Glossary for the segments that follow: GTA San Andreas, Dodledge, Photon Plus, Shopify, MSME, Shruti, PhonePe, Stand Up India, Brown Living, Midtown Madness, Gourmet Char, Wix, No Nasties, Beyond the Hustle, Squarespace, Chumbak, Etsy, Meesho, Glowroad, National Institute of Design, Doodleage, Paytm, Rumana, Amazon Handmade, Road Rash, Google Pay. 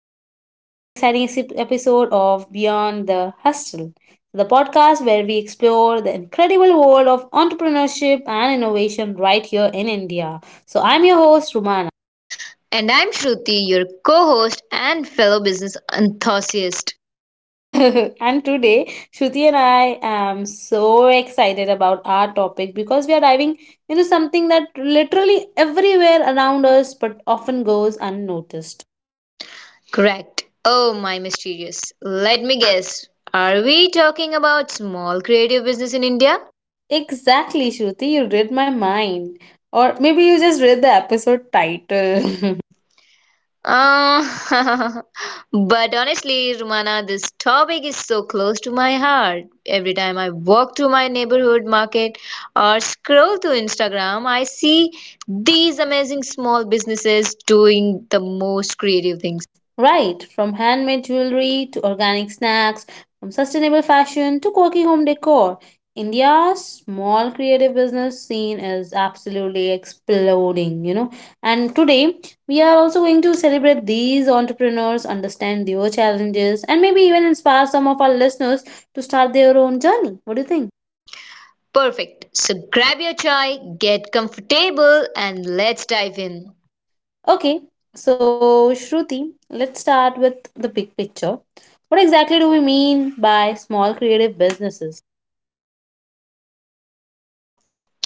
welcome back to another exciting episode of Beyond the Hustle, the podcast where we explore the incredible world of entrepreneurship and innovation right here in India. So, I'm your host, Ruman. And I'm Shruti, your co host and fellow business enthusiast. And today, Shruti and I am so excited about our topic because we are diving into something that literally everywhere around us but often goes unnoticed. Correct. Oh, my mysterious. Let me guess. Are we talking about small creative business in India? Exactly, Shruti. You read my mind. Or maybe you just read the episode title. Uh, but honestly, Rumana, this topic is so close to my heart. Every time I walk to my neighborhood market or scroll through Instagram, I see these amazing small businesses doing the most creative things. Right, from handmade jewelry to organic snacks, from sustainable fashion to quirky home decor, India's small creative business scene is absolutely exploding. And today, we are also going to celebrate these entrepreneurs, understand their challenges, and maybe even inspire some of our listeners to start their own journey. What do you think? Perfect. So grab your chai, get comfortable, and let's dive in. Okay, so Shruti, let's start with the big picture. What exactly do we mean by small creative businesses?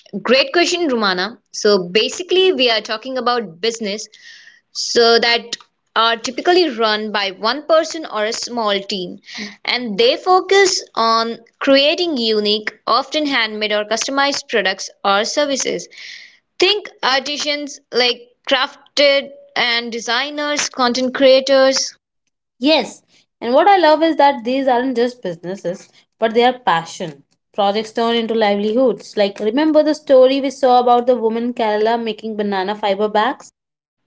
Great question, Rumana. So basically, we are talking about business so that are typically run by one person or a small team, and they focus on creating unique, often handmade or customized products or services. Think artisans like crafted and designers, content creators. Yes, and what I love is that these aren't just businesses, but they are passion. Projects turn into livelihoods. Like, remember the story we saw about the woman in Kerala making banana fiber bags?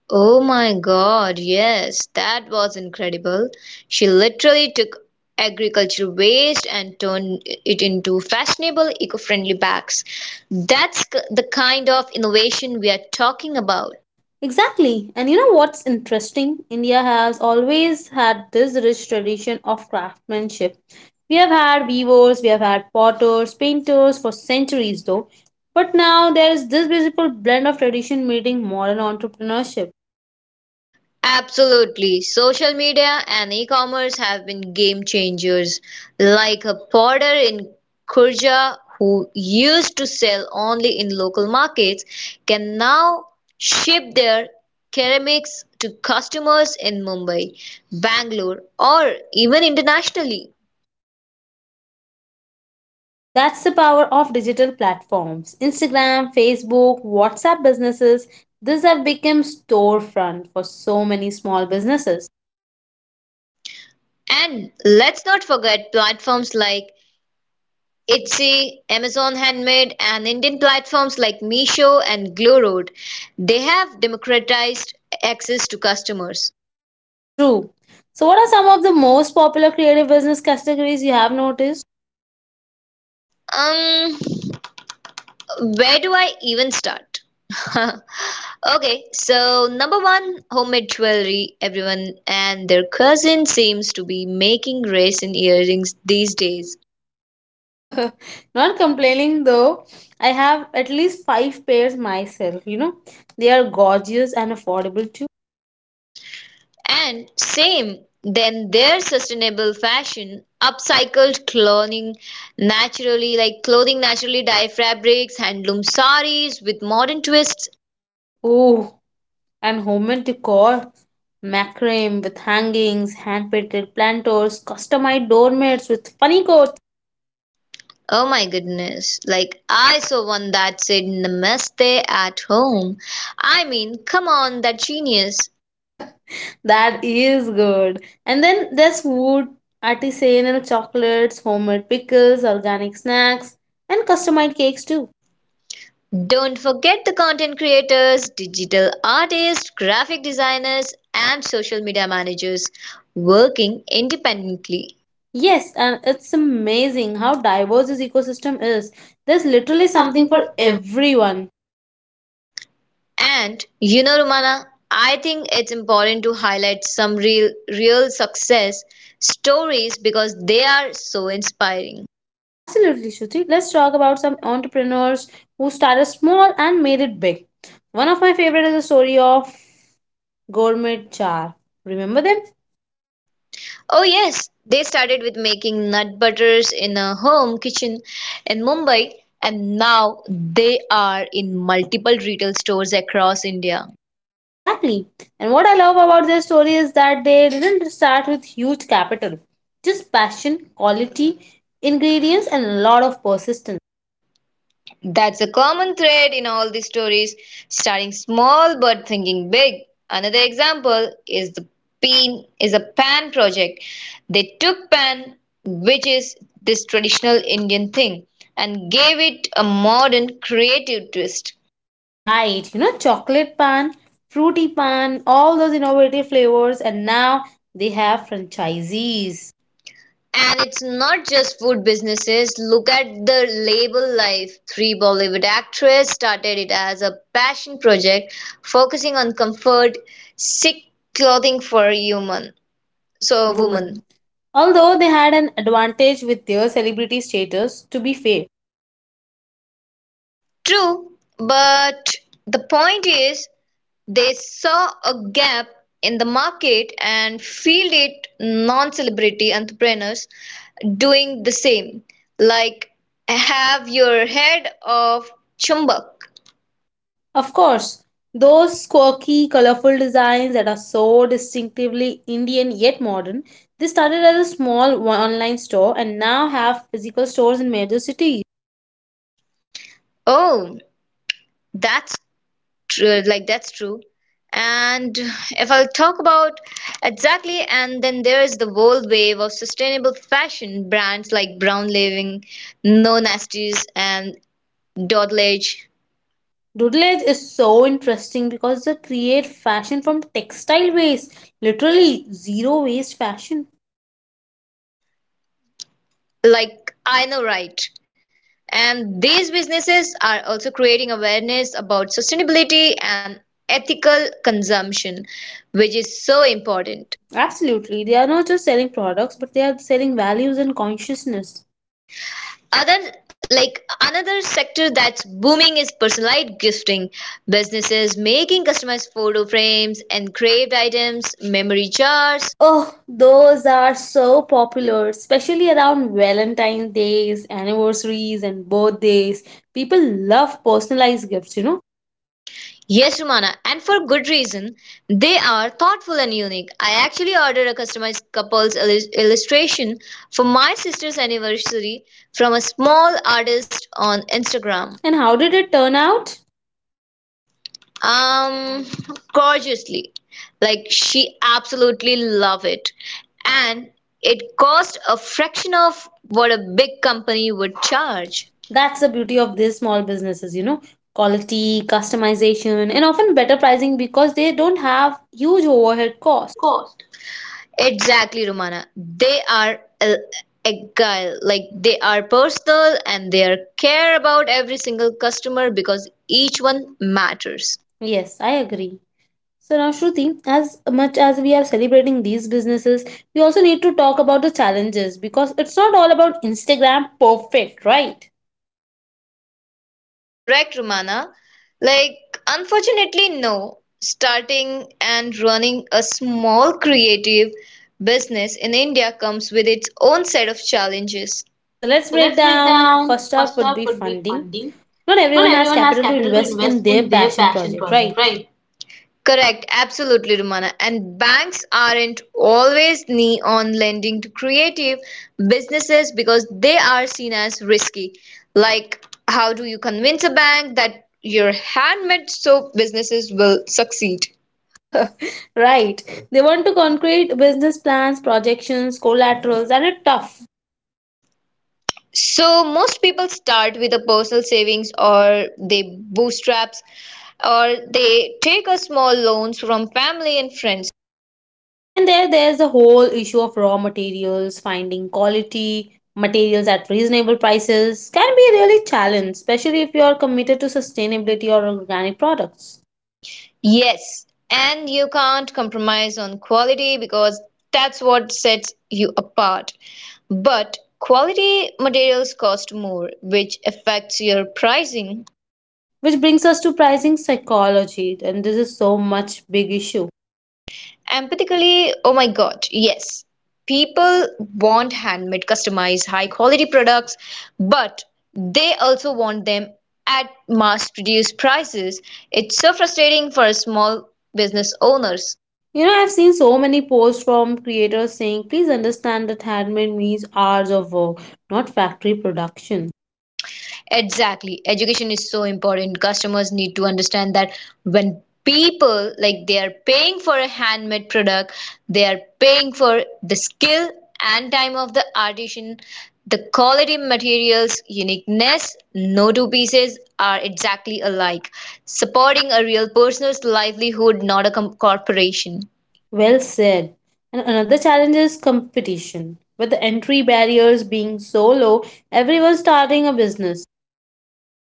Oh my God, yes, that was incredible. She literally took agriculture waste and turned it into fashionable, eco-friendly bags. The kind of innovation we are talking about. Exactly. And you know what's interesting? India has always had this rich tradition of craftsmanship. We have had weavers, we have had potters, painters for centuries though. But now there is this beautiful blend of tradition meeting modern entrepreneurship. Absolutely. Social media and e-commerce have been game changers. Like a porter in Kurja who used to sell only in local markets can now ship their ceramics to customers in Mumbai, Bangalore, or even internationally. That's the power of digital platforms. Instagram, Facebook, WhatsApp businesses, these have become storefront for so many small businesses. And let's not forget platforms like Etsy, Amazon Handmade, and Indian platforms like Meesho and Glowroad. They have democratized access to customers. True. So what are some of the most popular creative business categories you have noticed? Um, where do I even start? Okay, so number one, homemade jewelry. Everyone and their cousin seems to be making raisin earrings these days. Not complaining though. I have at least five pairs myself. They are gorgeous and affordable too. And same, then their sustainable fashion, upcycled clothing, naturally like clothing, naturally dye fabrics, handloom saris with modern twists. Oh, and homemade decor. Macrame with hangings, hand painted planters, customized doormats with funny coats. Oh my goodness. Like I saw one that said namaste at home. I mean, come on, that genius. That is good. And then there's food, artisanal chocolates, homemade pickles, organic snacks, and customized cakes too. Don't forget the content creators, digital artists, graphic designers, and social media managers working independently. Yes, and it's amazing how diverse this ecosystem is. There's literally something for everyone. And you know, Romana, I think it's important to highlight some real success stories because they are so inspiring. Absolutely, Shruti. Let's talk about some entrepreneurs who started small and made it big. One of my favorite is the story of Gourmet Char. Remember them? Oh yes, they started with making nut butters in a home kitchen in Mumbai, and now they are in multiple retail stores across India. Exactly. And what I love about their story is that they didn't start with huge capital, just passion, quality, ingredients, and a lot of persistence. That's a common thread in all these stories, starting small but thinking big. Another example is the PIN is a pan project. They took pan, which is this traditional Indian thing, and gave it a modern creative twist. Right, you know, chocolate pan, fruity pan, all those innovative flavors, and now they have franchisees. And it's not just food businesses. Look at the label life. Three Bollywood actresses started it as a passion project, focusing on comfort, sick clothing for human. So So, woman. woman. Although they had an advantage with their celebrity status, to be fair. True, but the point is they saw a gap in the market and filled it. Non-celebrity entrepreneurs doing the same. Like have your head of chumbak. Of course, those quirky, colorful designs that are so distinctively Indian yet modern, they started as a small online store and now have physical stores in major cities. Oh, that's true. Like that's true. And if I'll talk about exactly, and then there's the whole wave of sustainable fashion brands like Brown Living, No Nasties, and Dodledge, Doodleage is so interesting because they create fashion from textile waste, literally zero waste fashion. like I know right. And these businesses are also creating awareness about sustainability and ethical consumption, which is so important. Absolutely, they are not just selling products, but they are selling values and consciousness. Other like another sector that's booming is personalized gifting. Businesses making customized photo frames, engraved items, memory jars. Oh, those are so popular, especially around Valentine's days, anniversaries, and birthdays. People love personalized gifts. Yes, Rumana, and for good reason. They are thoughtful and unique. I actually ordered a customized couple's illustration for my sister's anniversary from a small artist on Instagram. And how did it turn out? Um, Gorgeously. Like, she absolutely loved it. And it cost a fraction of what a big company would charge. That's the beauty of these small businesses, quality, customization, and often better pricing because they don't have huge overhead costs. Exactly, Romana. Agile. Like they are personal and they are care about every single customer, because each one matters. Yes, I agree. So now, Shruti, as much as we are celebrating these businesses, we also need to talk about the challenges because it's not all about Instagram perfect, right? Correct, Romana. Like, unfortunately, no. Starting and running a small creative business in India comes with its own set of challenges. So let's So break let's break down. down. First up First would up be would be funding. funding. Not everyone Not has everyone has capital to capital to invest in invest their in their passion passion project, right? project, right? Correct, absolutely, Rumana. And banks aren't always knee on lending to creative businesses because they are seen as risky. Like, how do you convince a bank that your handmade soap businesses will succeed? Right. They want to concrete business plans, projections, collaterals, and it's tough. So, most people start with a personal savings, or they bootstraps, or they take a small loans from family and friends. And there's the whole issue of raw materials, finding quality materials at reasonable prices can be really challenge, especially if you are committed to sustainability or organic products. Yes, and you can't compromise on quality because that's what sets you apart. But quality materials cost more, which affects your pricing. Which brings us to pricing psychology, and this is so much big issue. Empathically, oh my god, yes. People want handmade, customized, high quality products, but they also want them at mass produced prices. It's so frustrating for small business owners. You know, I've seen so many posts from creators saying, please understand that handmade means hours of work, not factory production. Exactly. Education is so important. Customers need to understand that when people like they are paying for a handmade product, they are paying for the skill and time of the artisan, the quality materials, uniqueness, no two pieces are exactly alike. Supporting a real person's livelihood, not a corporation. Well said. And another challenge is competition. With the entry barriers being so low, everyone's starting a business.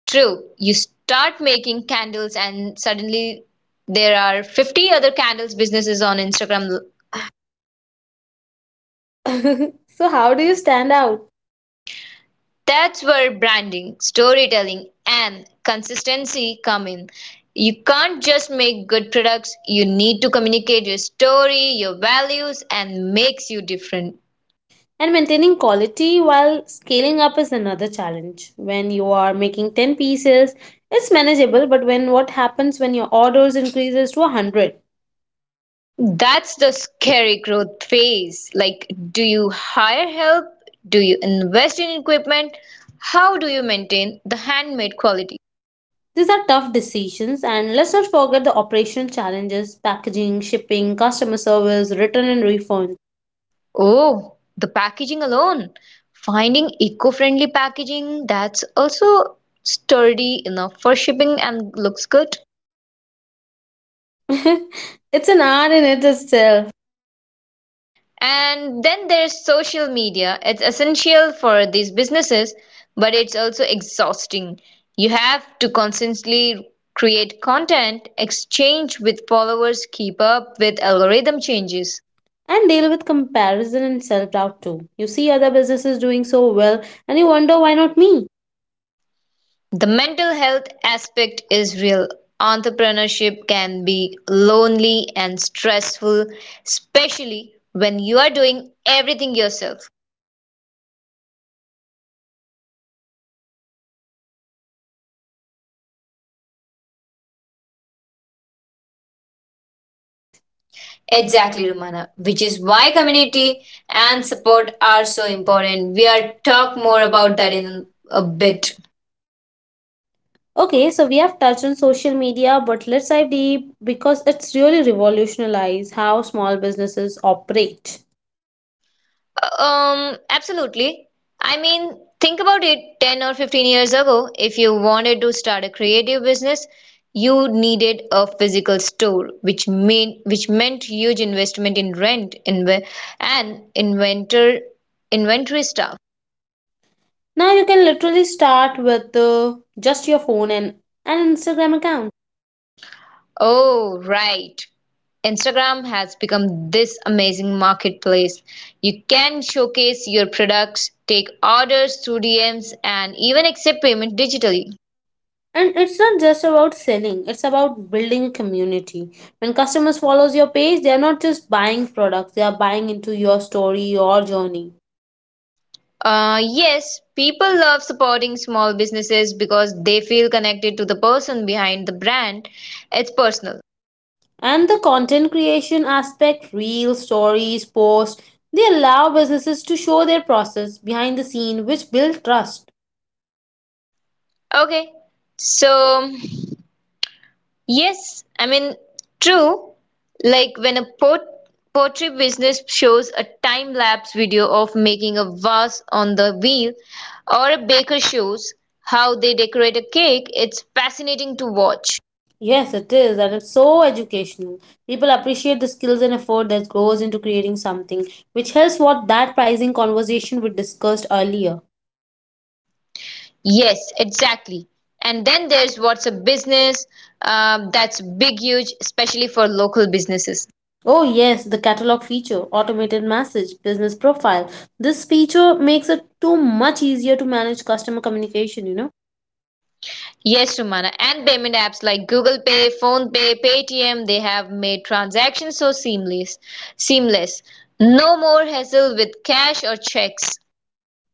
True, you start making candles and suddenly there are 50 other candles businesses on Instagram. So, how do you stand out? That's where branding, storytelling, and consistency come in. You can't just make good products, you need to communicate your story, your values, and makes you different. And maintaining quality while scaling up is another challenge. When you are making 10 pieces, it's manageable, but when what happens when your orders increases to 100? That's the scary growth phase. Like, do you hire help? Do you invest in equipment? How do you maintain the handmade quality? These are tough decisions, and let's not forget the operational challenges, packaging, shipping, customer service, return and refund. Oh, the packaging alone. Finding eco-friendly packaging that's also sturdy enough for shipping and looks good. It's an art in it itself. And then there's social media. It's essential for these businesses, but it's also exhausting. You have to constantly create content, exchange with followers, keep up with algorithm changes. And deal with comparison and self doubt too. You see other businesses doing so well and you wonder why not me? The mental health aspect is real. Entrepreneurship can be lonely and stressful, especially when you are doing everything yourself. It's Exactly, Romana, which is why why community community and and support are so important. We are talk more more about about that that in in a a bit. bit. Okay, so we have touched on social media, but let's dive deep because it's really revolutionized how small businesses operate. Absolutely. I mean, think about it 10 or 15 years ago, if you wanted to start a creative business, you needed a physical store, which meant huge investment in rent, inve and inventor inventory stuff. Now you can literally start with just your phone and an Instagram account. Oh, right. Instagram has become this amazing marketplace. You can showcase your products, take orders through DMs, and even accept payment digitally. And it's not just about selling, it's about building a community. When customers follows your page, they are not just buying products, they are buying into your story, your journey. Yes, people love supporting small businesses because they feel connected to the person behind the brand. It's personal. And the content creation aspect, real stories, posts, they allow businesses to show their process behind the scene, which build trust. Okay, so yes, I mean, true. Like when a pottery business shows a time lapse video of making a vase on the wheel, or a baker shows how they decorate a cake, it's fascinating to watch. Yes, it is, and it's so educational. People appreciate the skills and effort that goes into creating something, which helps what that pricing conversation we discussed earlier. Yes, exactly. And then there's what's a business that's big, huge, especially for local businesses. Oh, yes, the catalog feature, automated message, business profile. This feature makes it too much easier to manage customer communication. Yes, Rumana, and payment apps like Google Pay, Phone Pay, Paytm, they have made transactions so seamless. No more hassle with cash or checks.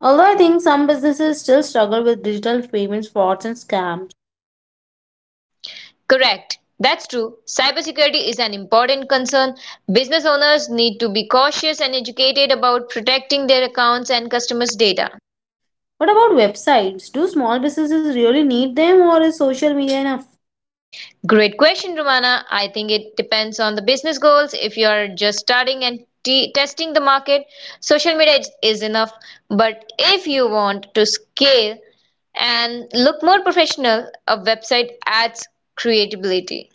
Although I think some businesses still struggle with digital payments, frauds, and scam. Correct. That's true. Cybersecurity is an important concern. Business owners need to be cautious and educated about protecting their accounts and customers' data. What about websites? Do small businesses really need them or is social media enough? Great question, Romana. I think it depends on the business goals. If you are just starting and testing the market, social media is enough. But if you want to scale and look more professional, a website adds creativity.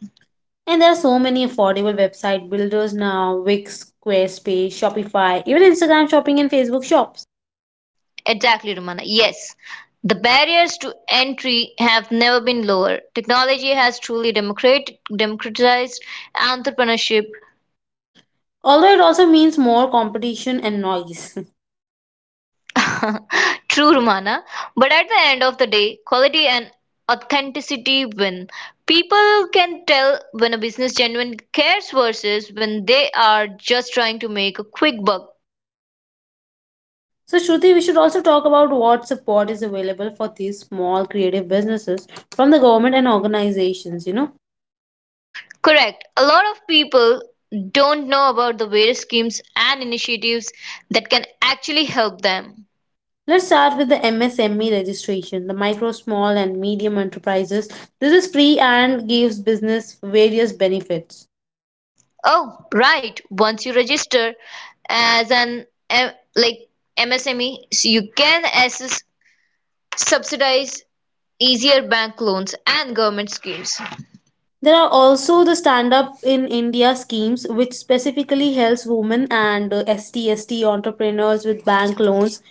And there are so many affordable website builders now Wix, Squarespace, Shopify, even Instagram shopping and Facebook shops. Exactly, Romana. Yes. The barriers to entry have never been lower. Technology has truly democratized entrepreneurship. Although it also means more competition and noise. True, Romana. But at the end of the day, quality and authenticity win. People can tell when a business genuinely cares versus when they are just trying to make a quick buck. So, Shruti, we should also talk about what support is available for these small creative businesses from the government and organizations. Correct. A lot of people don't know about the various schemes and initiatives that can actually help them. Let's start with the MSME registration, the micro, small, and medium enterprises. This is free and gives business various benefits. Oh, right. Once you register as an MSME, so you can access subsidize easier bank loans and government schemes. There are also the Stand Up in India schemes, which specifically helps women and ST, entrepreneurs with bank loans,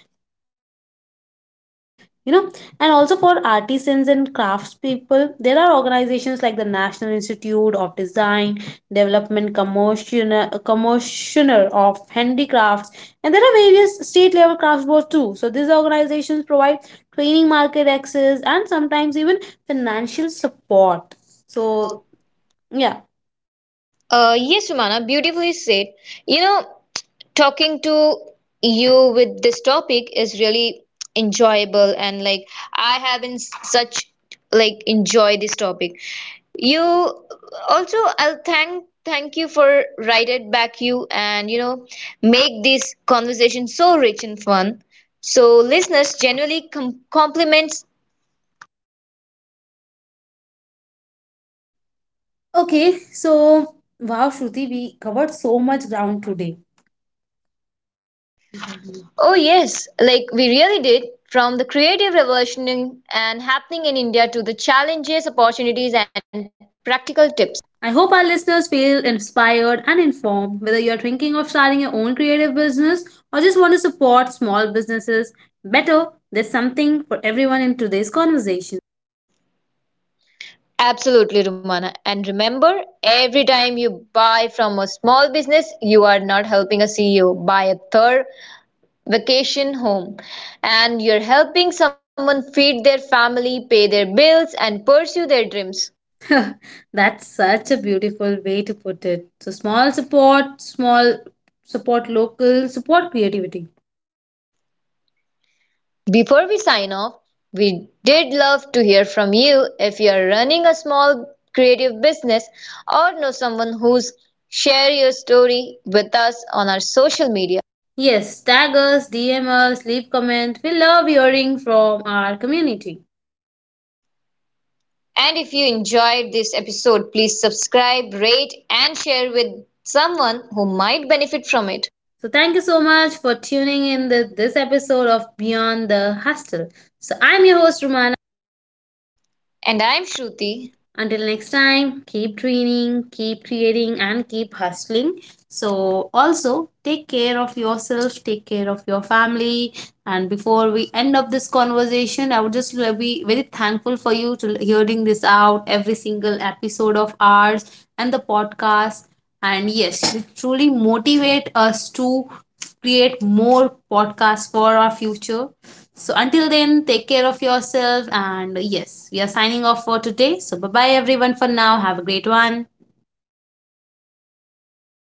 you know. And also for artisans and craftspeople, there are organizations like the National Institute of Design, development commissioner, of handicrafts, and there are various state level crafts boards too. So these organizations provide training, market access, and sometimes even financial support. So So, yeah. Yes, Umana, beautifully said. You know, talking to you with this topic is really enjoyable, and like I have been such like enjoy this topic. You also, I'll thank you for write it back you, and you know, make this conversation so rich and fun. So, listeners, generally compliments. Okay, so wow, Shruti, we covered so much ground today. Oh, yes, like we really did. From the creative revolution and happening in India to the challenges, opportunities, and practical tips. I hope our listeners feel inspired and informed, whether you're thinking of starting your own creative business or just want to support small businesses better. There's something for everyone in today's conversation. Absolutely, Rumana. And remember, every time you buy from a small business, you are not helping a CEO buy a third vacation home. And you're helping someone feed their family, pay their bills, and pursue their dreams. That's such a beautiful way to put it. So, small support local, support creativity. Before we sign off, we did love to hear from you. If you're running a small creative business or know someone who's, share your story with us on our social media. Yes, tag us, DM us, leave comment. We love hearing from our community. And if you enjoyed this episode, please subscribe, rate, and share with someone who might benefit from it. So thank you so much for tuning in this episode of Beyond the Hostel. So I'm your host Ruman. And I'm Shruti. Until next time, keep training, keep creating, and keep hustling. So, also take care of yourself, take care of your family. And before we end up this conversation, I would just be very thankful for you to hearing this out every single episode of ours and the podcast. And yes, you truly motivate us to create more podcasts for our future. So until then, take care of yourself. And yes, we are signing off for today. So bye bye, everyone, for now. Have a great one.